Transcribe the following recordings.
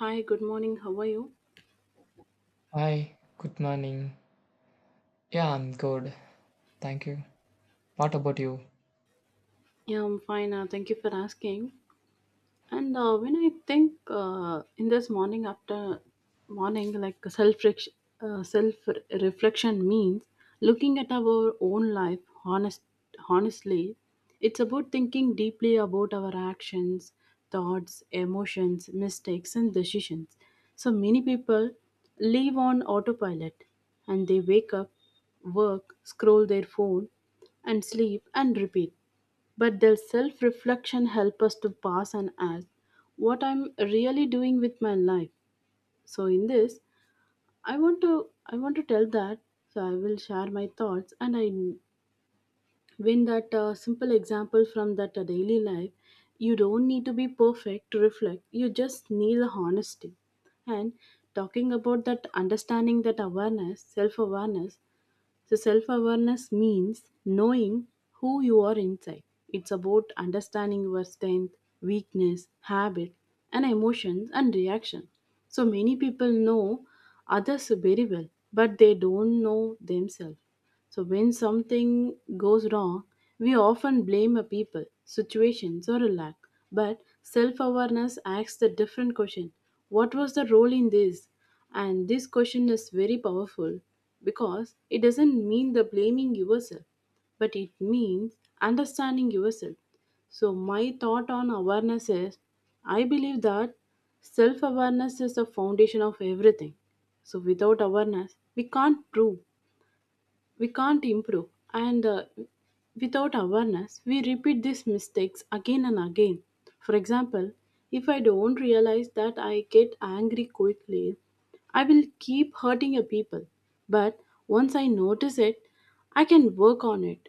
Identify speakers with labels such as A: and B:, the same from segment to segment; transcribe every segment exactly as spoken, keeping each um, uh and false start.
A: Hi, good morning. How are you?
B: Hi, good morning. Yeah, I'm good. Thank you. What about you?
A: Yeah, I'm fine. Uh, thank you for asking. And uh, when I think, uh, in this morning after morning, like self uh, self reflection means looking at our own life honest honestly. It's about thinking deeply about our actions, thoughts, emotions, mistakes, and decisions. So many people live on autopilot, and they wake up, work, scroll their phone, and sleep and repeat. But does self reflection help us to pause and ask what I'm really doing with my life? So in this, I want to I want to tell that. So I will share my thoughts, and I win that uh, simple example from that uh, daily life. You don't need to be perfect to reflect. You just need the honesty. And talking about that understanding, that awareness, self awareness, so self awareness means knowing who you are inside. It's about understanding your strength, weakness, habit, and emotions and reaction. So, many people know others very well, but they don't know themselves. So, when something goes wrong, we often blame a people, situations, or a lack. But self awareness asks a different question. What was the role in this? And this question is very powerful, because it doesn't mean the blaming yourself, but it means understanding yourself. So, my thought on awareness is, I believe that self awareness is the foundation of everything. So, without awareness, we can't prove we can't improve, and uh, without awareness we repeat these mistakes again and again. For example, if I don't realize that I get angry quickly, I will keep hurting a people. But once I notice it, I can work on it.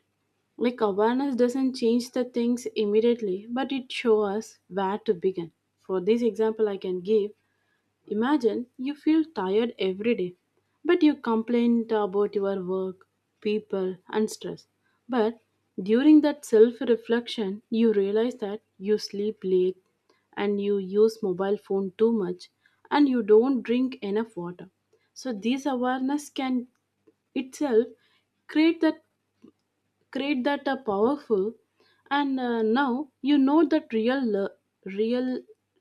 A: Like, awareness doesn't change the things immediately, but it shows us where to begin. For this example, I can give: imagine you feel tired every day, but you complain about your work, people, and stress. But during that self reflection, you realize that you sleep late, and you use mobile phone too much, and you don't drink enough water. So, this awareness can itself create that create that uh, powerful. And uh, now you know that real uh, real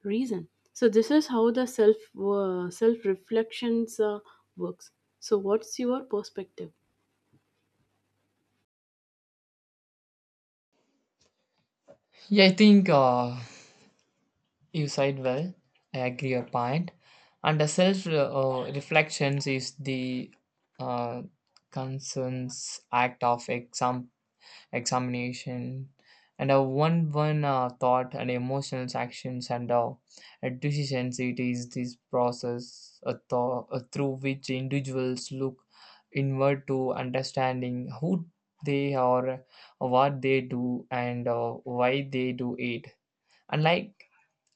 A: reason. So this is how the self uh, self reflections uh, works. So, what's your perspective?
B: Yeah, I think uh, you said well. I agree your point. And the self uh, reflections is the uh, concerns act of exam examination and uh, one one uh, thought and emotional actions and uh, decisions. It is this process uh, tho- uh, through which individuals look inward to understanding who they are, what they do, and uh, why they do it, unlike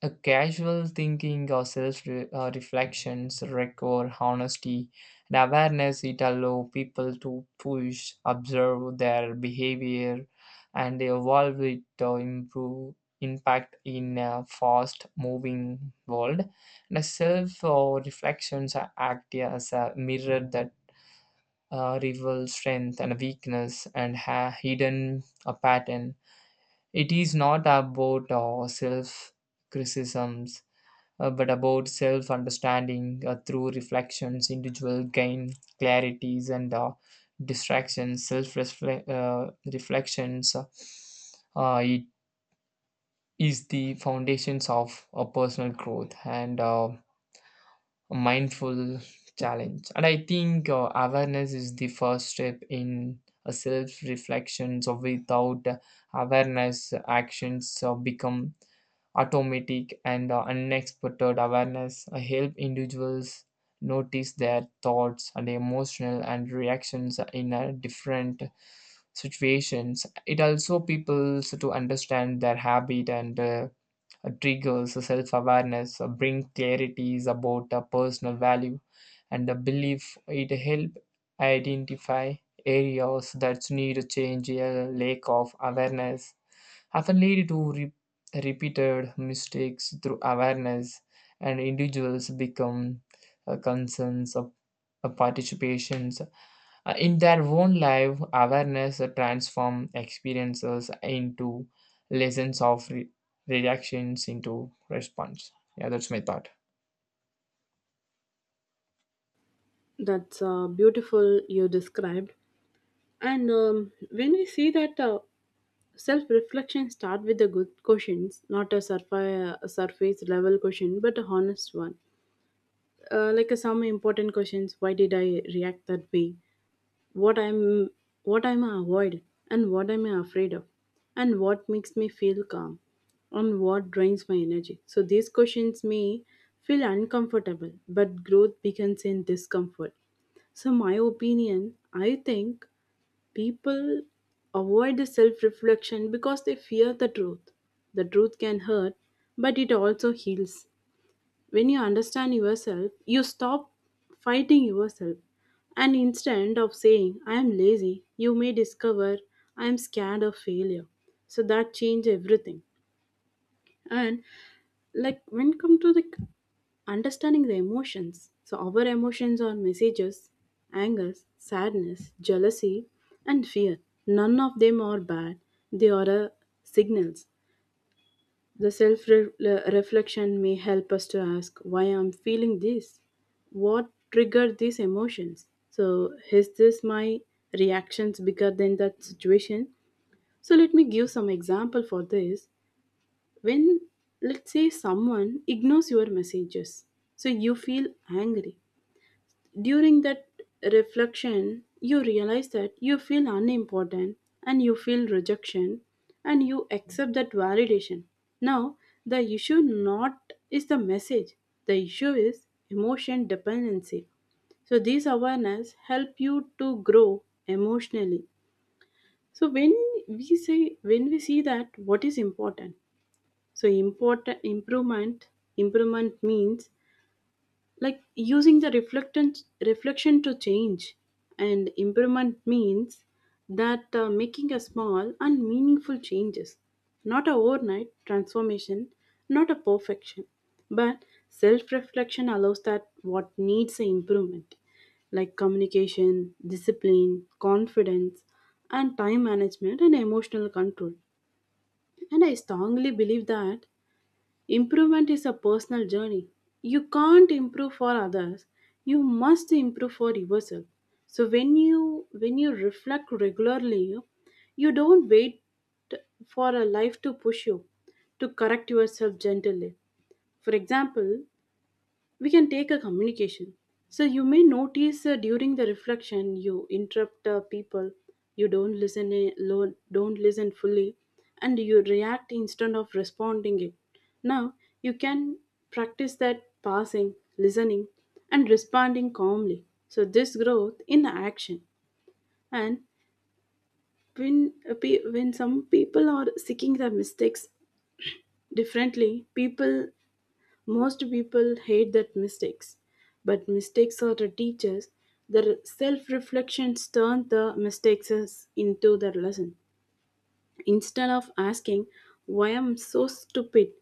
B: a casual thinking or self re- uh, reflections require honesty and awareness. It allow people to push, observe their behavior, and evolve it to improve impact in a fast moving world. And a self uh, reflections act as a mirror that uh, reveals strength and weakness and ha- hidden a pattern. It is not about uh, self criticism uh, but about self understanding. Uh, through reflections, individual gain clarities and uh, distractions, self uh, reflections. Uh, uh, it is the foundations of a personal growth and uh, a mindful challenge. And I think uh, awareness is the first step in a self reflection. So without awareness, actions uh, become automatic, and the unexpected awareness uh, help individuals notice their thoughts and emotional and reactions in a different situations. It also peoples to understand their habit and uh, triggers. Self-awareness uh, bring clarities about uh, personal value and the belief. It help identify areas that need change. A lack of awareness often lead to re- repeated mistakes. Through awareness, and individuals become uh, concerns of uh, participations Uh, in their own life. Awareness uh, transform experiences into lessons, of re- reactions into response. Yeah, that's my thought.
A: That's uh, beautiful, you described. And um, when we see that, uh, self reflection start with the good questions, not a surface, surface level question, but a honest one. Uh, like, uh, some important questions: why did I react that way, what I'm what I'm avoid, and what I'm afraid of, and what makes me feel calm, and what drains my energy. So these questions may feel uncomfortable, but growth begins in discomfort. So my opinion, I think people avoid the self-reflection because they fear the truth. The truth can hurt, but it also heals. When you understand yourself, you stop fighting yourself. And instead of saying, I am lazy, you may discover, I am scared of failure. So that change everything. And like, when it come to the understanding the emotions, so our emotions are messages, anger, sadness, jealousy, and fear. None of them are bad. They are uh, signals. The self reflection may help us to ask why I'm feeling this, what triggered these emotions. So, is this my reactions bigger than that situation? So, let me give some example for this. When, let's say, someone ignores your messages, so you feel angry. During that reflection, you realize that you feel unimportant, and you feel rejection, and you accept that validation. Now, the issue not is the message. The issue is emotion dependency. So these awareness help you to grow emotionally. So when we say when we see that what is important. So, important improvement improvement, means like using the reflectance reflection to change. And improvement means that, uh, making a small and meaningful changes, not a overnight transformation, not a perfection, but self reflection allows that what needs a improvement, like communication, discipline, confidence, and time management, and emotional control. And I strongly believe that improvement is a personal journey. You can't improve for others. You must improve for yourself. So when you when you reflect regularly, you don't wait for a life to push you to correct yourself gently. For example, we can take a communication. So you may notice, uh, during the reflection you interrupt uh, people, you don't listen, uh, lo- don't listen fully, and you react instead of responding it. Now you can practice that passing listening and responding calmly. So this growth in action. And when uh, pe- when some people are seeking their mistakes differently, people most people hate that mistakes, but mistakes are the teachers. Their self reflections turn the mistakes as- into their lesson. Instead of asking why I'm so stupid,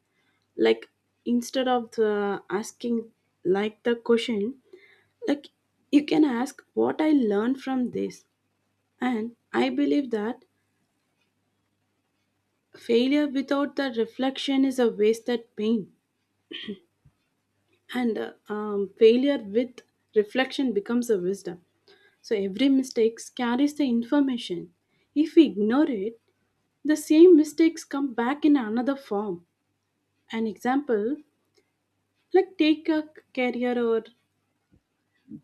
A: like, instead of the asking like the question, like you can ask what I learned from this. And I believe that failure without the reflection is a wasted pain. and uh, um, failure with reflection becomes a wisdom. So every mistake carries the information. If we ignore it, the same mistakes come back in another form. An example, like, take a career or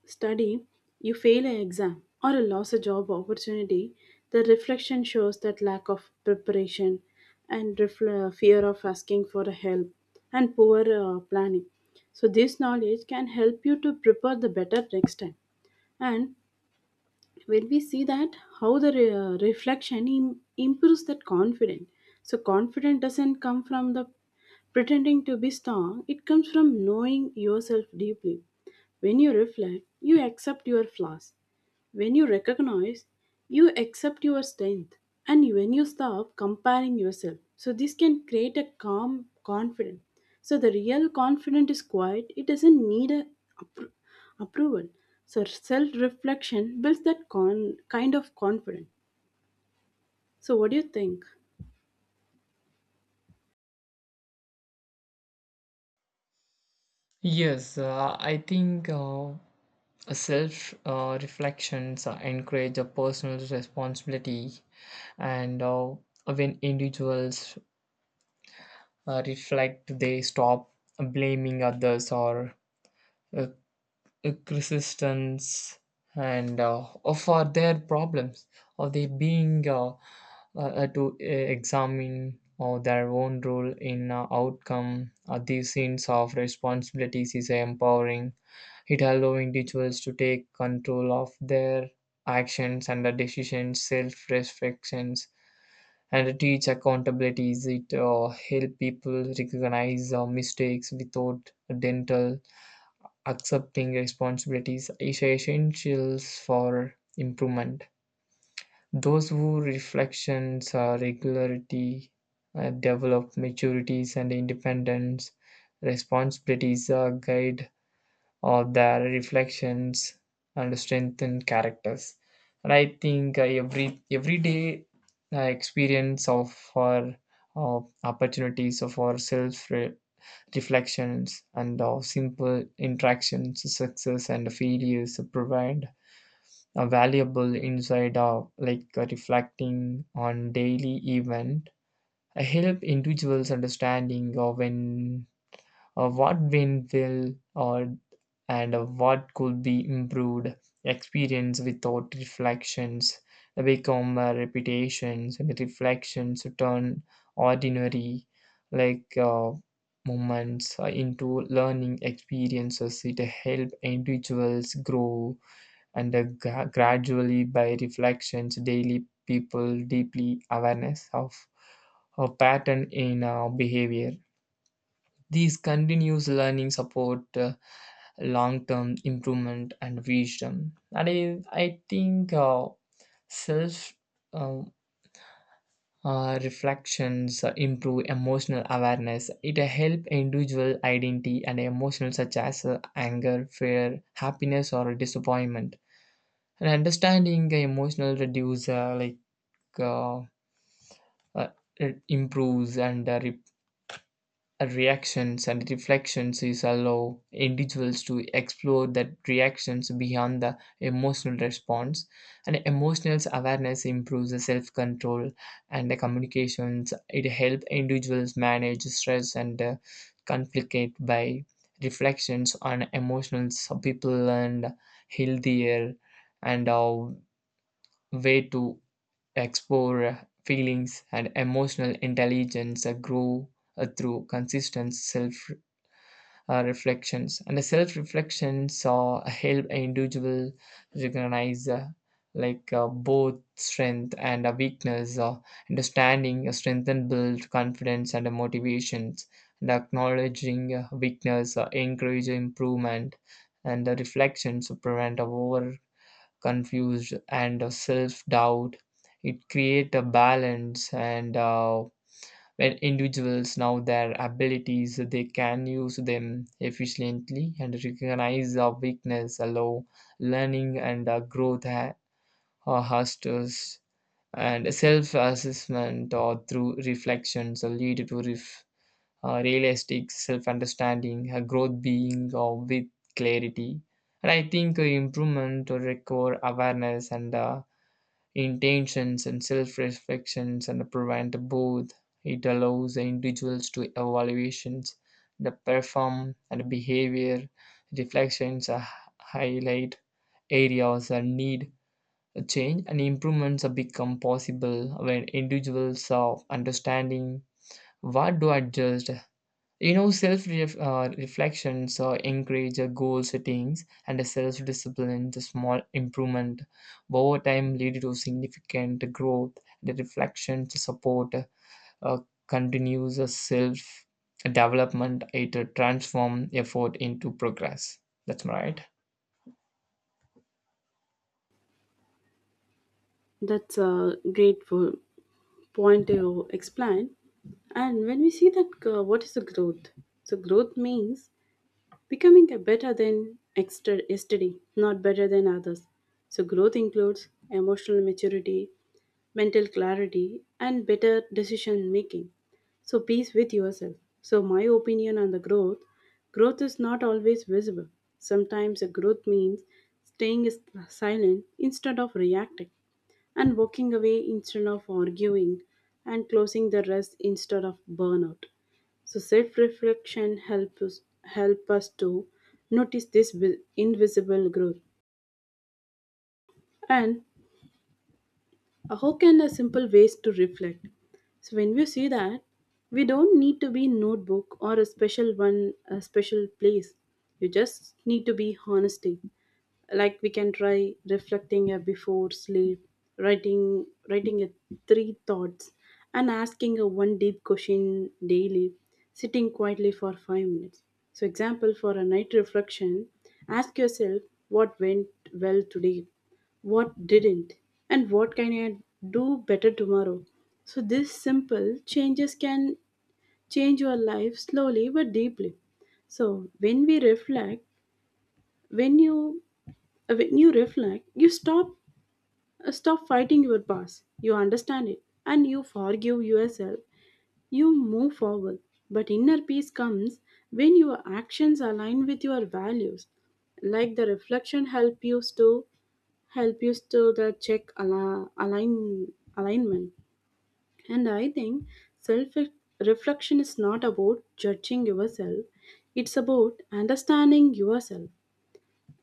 A: study, you fail an exam, or lose a job opportunity, the reflection shows that lack of preparation, and refl- uh, fear of asking for help, and poor uh, planning. So, this knowledge can help you to prepare the better next time. And when we see that how the re- uh, reflection Im- improves that confidence. So confidence doesn't come from the pretending to be strong, it comes from knowing yourself deeply. When you reflect, you accept your flaws. When you recognize, you accept your strength. And when you stop comparing yourself, so this can create a calm confidence. So the real confidence is quiet, it doesn't need a appro- approval. So self reflection builds that con- kind of confidence. So what do you think?
B: Yes, uh, I think uh, self uh, reflections uh, encourage a personal responsibility, and uh, when individuals uh, reflect, they stop blaming others or uh, uh, resistance and uh, for their problems, or they being uh, uh, uh, to uh, examine or their own role in uh, outcome. Uh, these scenes of responsibilities is empowering. It allowing individuals to take control of their actions and the decisions. Self reflections and teach accountability is it uh, help people recognize uh, mistakes without dental. Accepting responsibilities is essentials for improvement. Those who reflections uh, regularity uh, develop maturities and independence. Responsibilities uh, guide or their reflections and strengthen characters. And I think uh, every everyday uh, experience of our uh, opportunities of our self re- reflections and our simple interactions, success and failures provide a valuable insight of, like, uh, reflecting on daily event. I help individuals understanding of when uh, what went well or and uh, what could be improved. Experience without reflections become uh, repetitions, and reflections turn ordinary like uh, moments uh, into learning experiences. It help individuals grow and uh, gra- gradually. By reflections daily, people deeply awareness of a pattern in uh, behavior. These continuous learning support uh, long-term improvement and wisdom. And I, I think uh, self uh, uh, reflections uh, improve emotional awareness. It help individual identity and emotional such as uh, anger, fear, happiness, or disappointment. And understanding the emotional reduce uh, like uh, uh, it improves and uh, a reactions. And reflections is allow individuals to explore the reactions beyond the emotional response, and emotional awareness improves the self-control and the communications. It helps individuals manage stress and uh, conflict by reflections on emotions, people, and healthier and uh, way to explore uh, feelings, and emotional intelligence uh, grow uh, through consistent self uh, reflections. And the self reflections uh, help individual recognize uh, like uh, both strength and uh, weakness. Uh, understanding uh, strength and build confidence and uh, motivations, and acknowledging uh, weakness uh, encourage improvement. And the reflections prevent over confused and uh, self-doubt. It create a balance, and uh, when individuals know their abilities, they can use them efficiently, and recognize our weakness allow learning and uh, growth ha- uh, hustles and self-assessment or through reflections uh, lead to ref- uh, realistic self-understanding. A growth being uh, with clarity. And I think uh, improvement require awareness and uh, intentions, and self-reflections and prevent both. It allows the individuals to evaluations, the perform and behavior. Reflections uh, highlight areas that need a change, and improvements become possible when individuals are understanding what to adjust. You know, self uh, reflections uh, encourage uh, goal settings and a self discipline. The small improvement over time lead to significant growth. The reflection to support uh, continues self development. It uh, transform effort into progress. That's right.
A: That's a great po- point to explain. And when we see that, uh, what is the growth? So growth means becoming a better than exter- yesterday, not better than others. So, growth includes emotional maturity, mental clarity, and better decision making. So, peace with yourself. So, my opinion on the growth growth is not always visible. Sometimes, a growth means staying is- silent instead of reacting, and walking away instead of arguing, and closing the rest instead of burnout. So self-reflection help us, help us to notice this vi- invisible growth. And how can a simple ways to reflect? So when we see that, we don't need to be notebook or a special one, a special place. You just need to be honesty. Like, we can try reflecting a before sleep, writing writing a three thoughts, and asking a one deep question daily, sitting quietly for five minutes. So, example for a night reflection, ask yourself what went well today, what didn't, and what can I do better tomorrow. So this simple changes can change your life slowly but deeply. So when we reflect when you when you reflect, you stop uh, stop fighting your past. You understand it, and you forgive yourself. You move forward. But inner peace comes when your actions align with your values. Like the reflection help you to help you to the check ala- align alignment. And I think self reflection is not about judging yourself, it's about understanding yourself.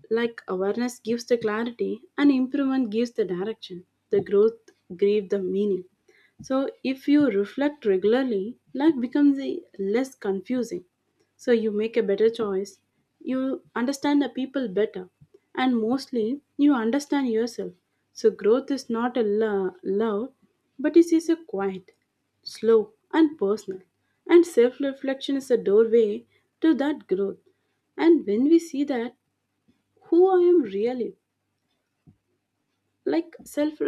A: Like, awareness gives the clarity, and improvement gives the direction. The growth gives the meaning. So if you reflect regularly, life becomes a less confusing. So you make a better choice, you understand the people better, and mostly you understand yourself. So growth is not a lo- loud, but it is a quiet, slow, and personal. And self reflection is a doorway to that growth. And when we see that, who I am really, like self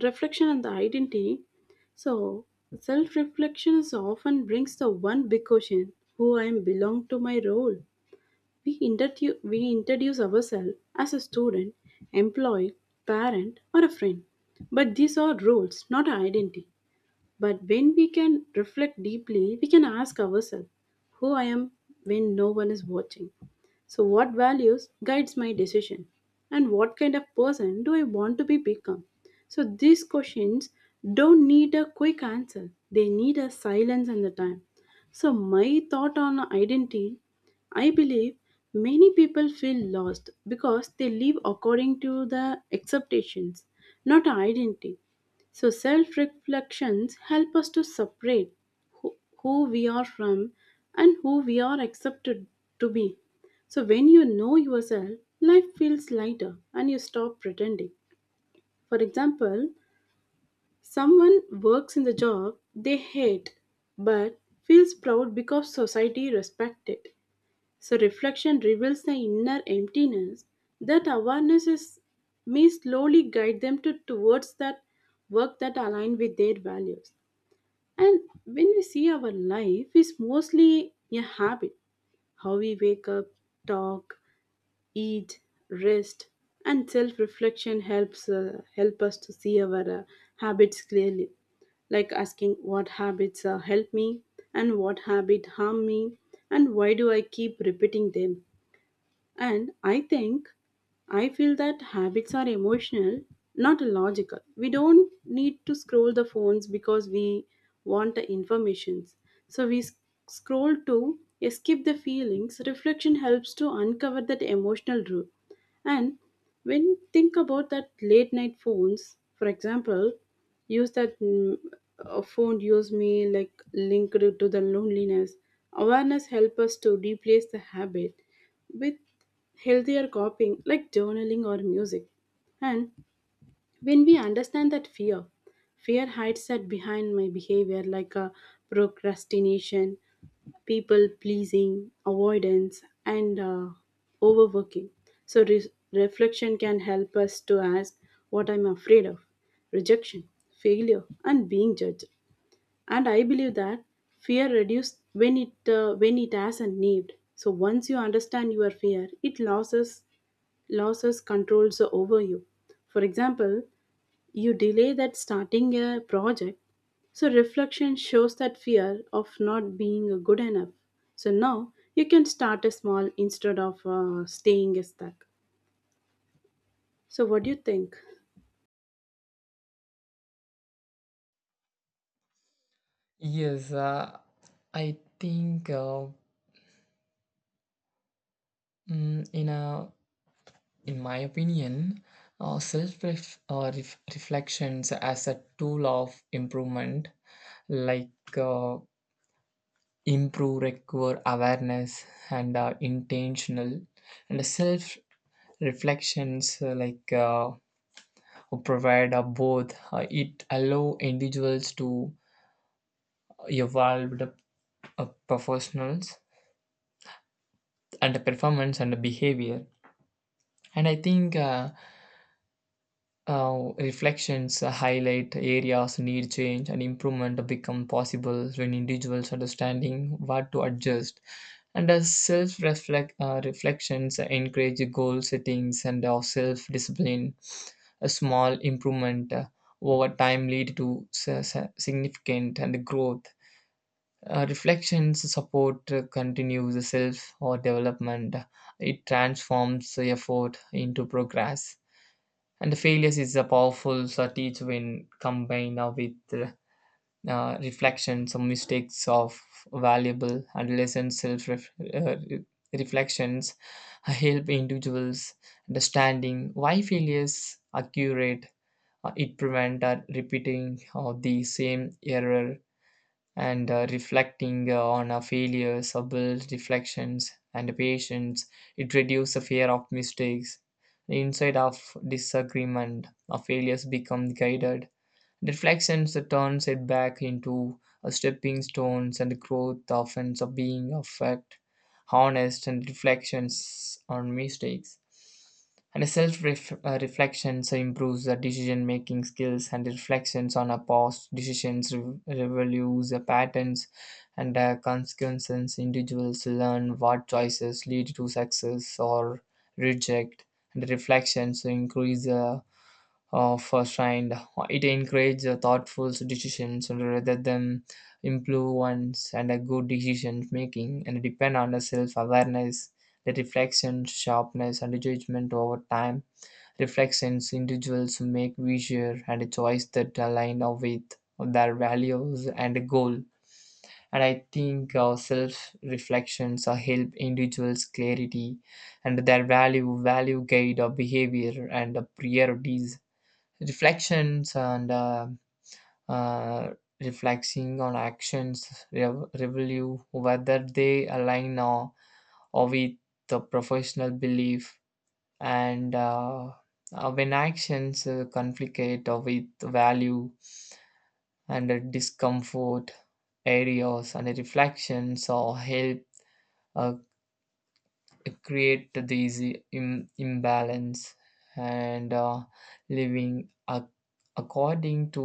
A: reflection and the identity. So, self reflection is often brings the one big question: who I am belong to my role. We, intertu- we introduce ourselves as a student, employee, parent, or a friend. But these are roles, not identity. But when we can reflect deeply, we can ask ourselves who I am when no one is watching. So, what values guides my decision? And what kind of person do I want to be become? So, these questions don't need a quick answer, they need a silence and the time. So, my thought on identity, I believe many people feel lost because they live according to the acceptations, not identity. So, self reflections help us to separate who, who we are from, and who we are accepted to be. So, when you know yourself, life feels lighter and you stop pretending. For example, someone works in the job they hate but feels proud because society respects it. So, reflection reveals the inner emptiness. That awareness is, may slowly guide them to, towards that work that align with their values. And when we see our life is mostly a habit, how we wake up, talk, eat, rest, and self-reflection helps uh, help us to see our uh, habits clearly. Like asking what habits uh, help me and what habit harm me, and why do I keep repeating them? And I think I feel that habits are emotional, not logical. We don't need to scroll the phones because we want the informations. So we s- scroll to escape the feelings. Reflection helps to uncover that emotional root. And when think about that late night phones, for example, use that mm, a phone use me like linked to the loneliness. Awareness help us to replace the habit with healthier coping like journaling or music. And when we understand that fear, fear hides that behind my behavior like a procrastination, people pleasing, avoidance, and uh, overworking. So, re- reflection can help us to ask what I'm afraid of rejection, failure, and being judged. And I believe that fear reduced when it uh, when it has a need. So once you understand your fear, it loses loses controls over you. For example, you delay that starting a project. So reflection shows that fear of not being good enough. So now you can start a small instead of uh, staying stuck. So what do you think?
B: Yes, uh, I think uh, mm, in a in my opinion, uh, self ref- uh, ref- reflections as a tool of improvement, like uh, improve recur awareness and uh, intentional, and self reflections uh, like uh, provide uh, both. Uh, it allow individuals to evolve the uh, professionals and the performance and the behavior. And I think. Uh, Uh, reflections highlight areas need change, and improvement become possible when individuals understanding what to adjust. And as self reflect uh, reflections encourage goal settings and our self discipline. A small improvement uh, over time lead to s- s- significant and growth. Uh, reflections support uh, continues self or development. It transforms effort into progress. And the failures is a powerful strategy when combined uh, with uh, uh, reflections or mistakes of valuable and lessons. Self ref- uh, re- reflections help individuals understanding why failures occurred. Uh, it prevent uh, repeating uh, the same error. And uh, reflecting uh, on our failures, our builds reflections and patience. It reduces the fear of mistakes. Inside of disagreement, our failures become guided. Reflections that turns it back into a stepping stones, and the growth offense of being of fact, honest and reflections on mistakes. And self-reflections improves the decision-making skills, and reflections on our past decisions re- reveals the patterns and the consequences. Individuals learn what choices lead to success or reject, and reflections increase the uh, first, and it encourages thoughtful decisions rather than impulsive ones. And a good decision making and depend on the self-awareness. The reflection sharpness and judgment over time reflections individuals make wiser, and a choice that align with their values and goal. And I think our self reflections uh, help individuals clarity and their value value guide our behavior and the priorities reflections, and uh, uh, reflecting on actions rev- review whether they align or, or with the professional belief. And uh, uh, when actions uh, conflict or with value and uh, discomfort areas, and reflections or help uh, create these Im- imbalance. And uh, living ac- according to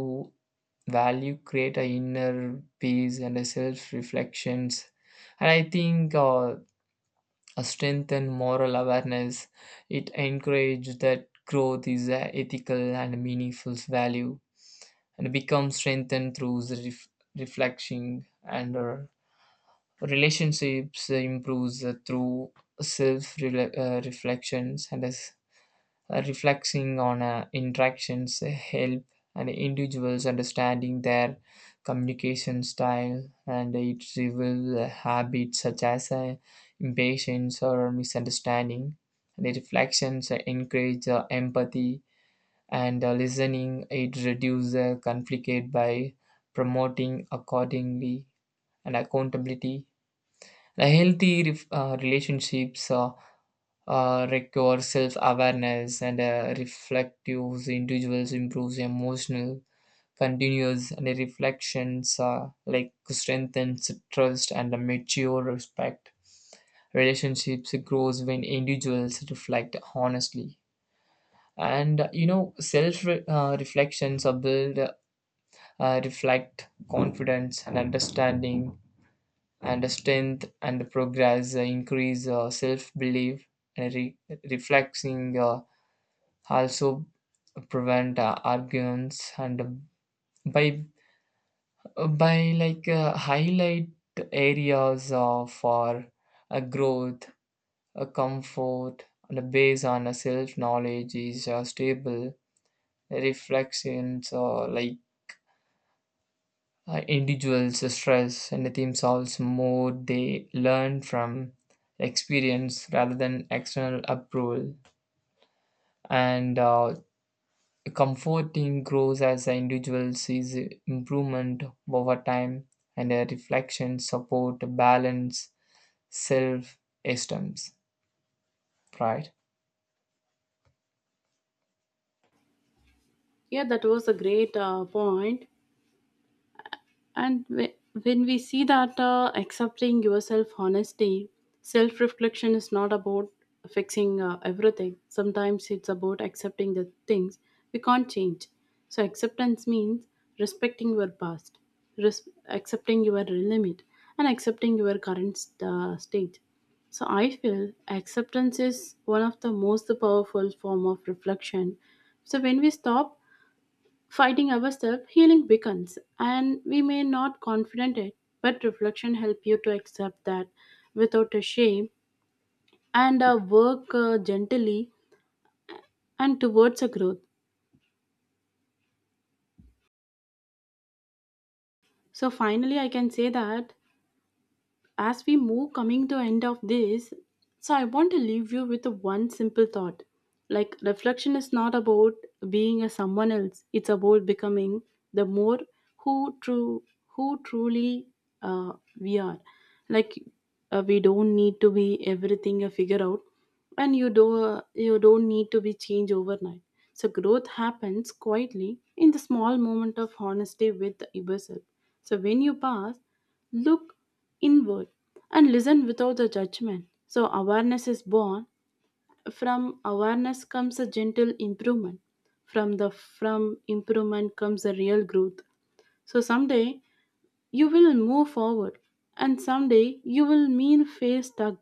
B: value create a inner peace and a self reflections. And I think uh, a strengthen moral awareness. It encourage that growth is a ethical and meaningful value, and become strengthened through the ref- reflection. And uh, relationships improves uh, through self uh, reflections, and as uh, reflecting on uh, interactions uh, help and individuals understanding their communication style, and it reveals uh, habits such as uh, impatience or misunderstanding. The reflections uh, encourage uh, empathy and uh, listening. It reduces uh, conflict by promoting accordingly and accountability. A healthy ref- uh, relationships uh, uh, require self-awareness, and uh, reflective individuals improves emotional continuous, and reflections uh, like strengthens trust and a mature respect. Relationships grows when individuals reflect honestly. And uh, you know, self re- uh, reflections are build, uh, reflect confidence and understanding and strength, and progress uh, increase uh, self-belief. And re- reflexing uh, also prevent uh, arguments, and uh, by uh, by like uh, highlight areas uh, for uh, growth. Uh, comfort and uh, based on a self knowledge is uh, stable. Reflections or like uh, individuals stress anything solves more, they learn from experience rather than external approval. And uh, comforting grows as the individual sees improvement over time, and a reflection support balance self esteem pride.
A: Yeah, that was a great uh, point. And whe- when we see that uh, accepting yourself honesty, self reflection is not about fixing uh, everything. Sometimes it's about accepting the things we can't change. So, acceptance means respecting your past, res- accepting your limit, and accepting your current uh, state. So, I feel acceptance is one of the most powerful form of reflection. So, when we stop fighting ourselves, healing beckons, and we may not confident it, but reflection help you to accept that without a shame and uh, work uh, gently and towards a growth. So finally, I can say that as we move coming to end of this, so I want to leave you with one simple thought, like reflection is not about being a someone else, it's about becoming the more who true who truly uh, we are. Like uh, we don't need to be everything a figure out, and you do uh, you don't need to be changed overnight. So growth happens quietly in the small moment of honesty with yourself. So when you pass, look inward and listen without a judgment. So, awareness is born. From awareness comes a gentle improvement. From the from improvement comes a real growth. So someday you will move forward, and someday you will mean face stuck,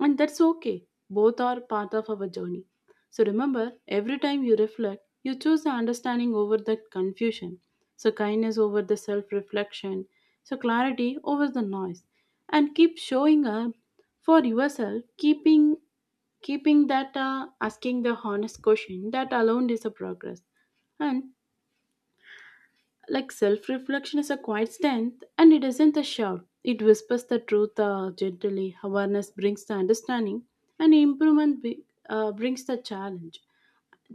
A: and that's okay. Both are part of our journey. So remember, every time you reflect, you choose the understanding over the confusion, so kindness over the self reflection, so clarity over the noise. And keep showing up for yourself, keeping keeping that uh, asking the honest question, that alone is a progress. And like self reflection is a quiet strength and it isn't a shout. It whispers the truth uh, gently. Awareness brings the understanding, and improvement be- uh, brings the challenge,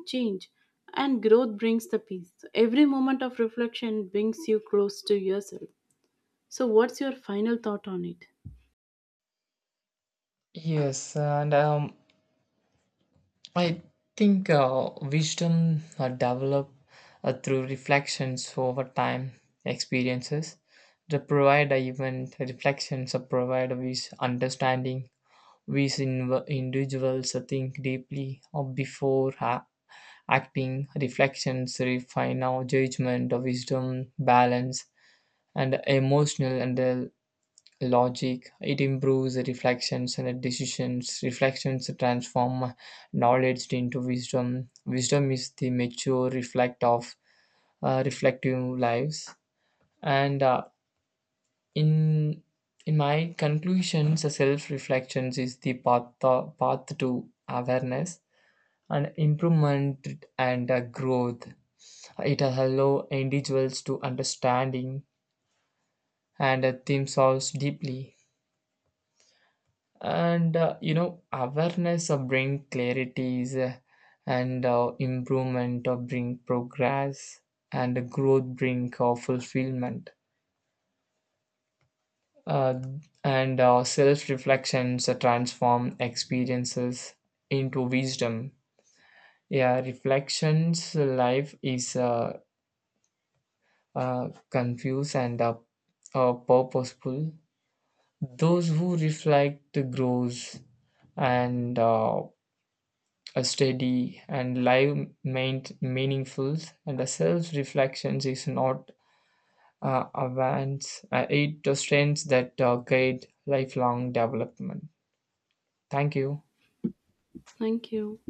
A: change, and growth brings the peace. So, every moment of reflection brings you close to yourself. So, what's your final thought on it?
B: Yes, and um, I think uh, wisdom uh, develop uh, through reflections over time, experiences. The provider even reflections or provide with understanding. We as inv- individuals uh, think deeply or before ha- acting. Reflections refine our judgment, our wisdom, balance, and emotional and uh, logic. It improves reflections and decisions. Reflections transform knowledge into wisdom. Wisdom is the mature reflect of uh, reflective lives. And uh, in in my conclusions, self reflections is the path path to awareness and improvement and uh, growth. It allows individuals to understanding and uh, themselves deeply. And uh, you know, awareness uh, bring clarities, uh, and uh, improvement uh, bring progress, and growth bring uh, fulfillment. Uh, and uh, self-reflections uh, transform experiences into wisdom. Yeah, reflections life is uh, uh, confused and uh, uh, purposeful. Those who reflect grows, and uh, a steady and live main, meaningful, and the self-reflection is not uh, advance. Uh, it the strengths that uh, guide lifelong development. Thank you.
A: Thank you.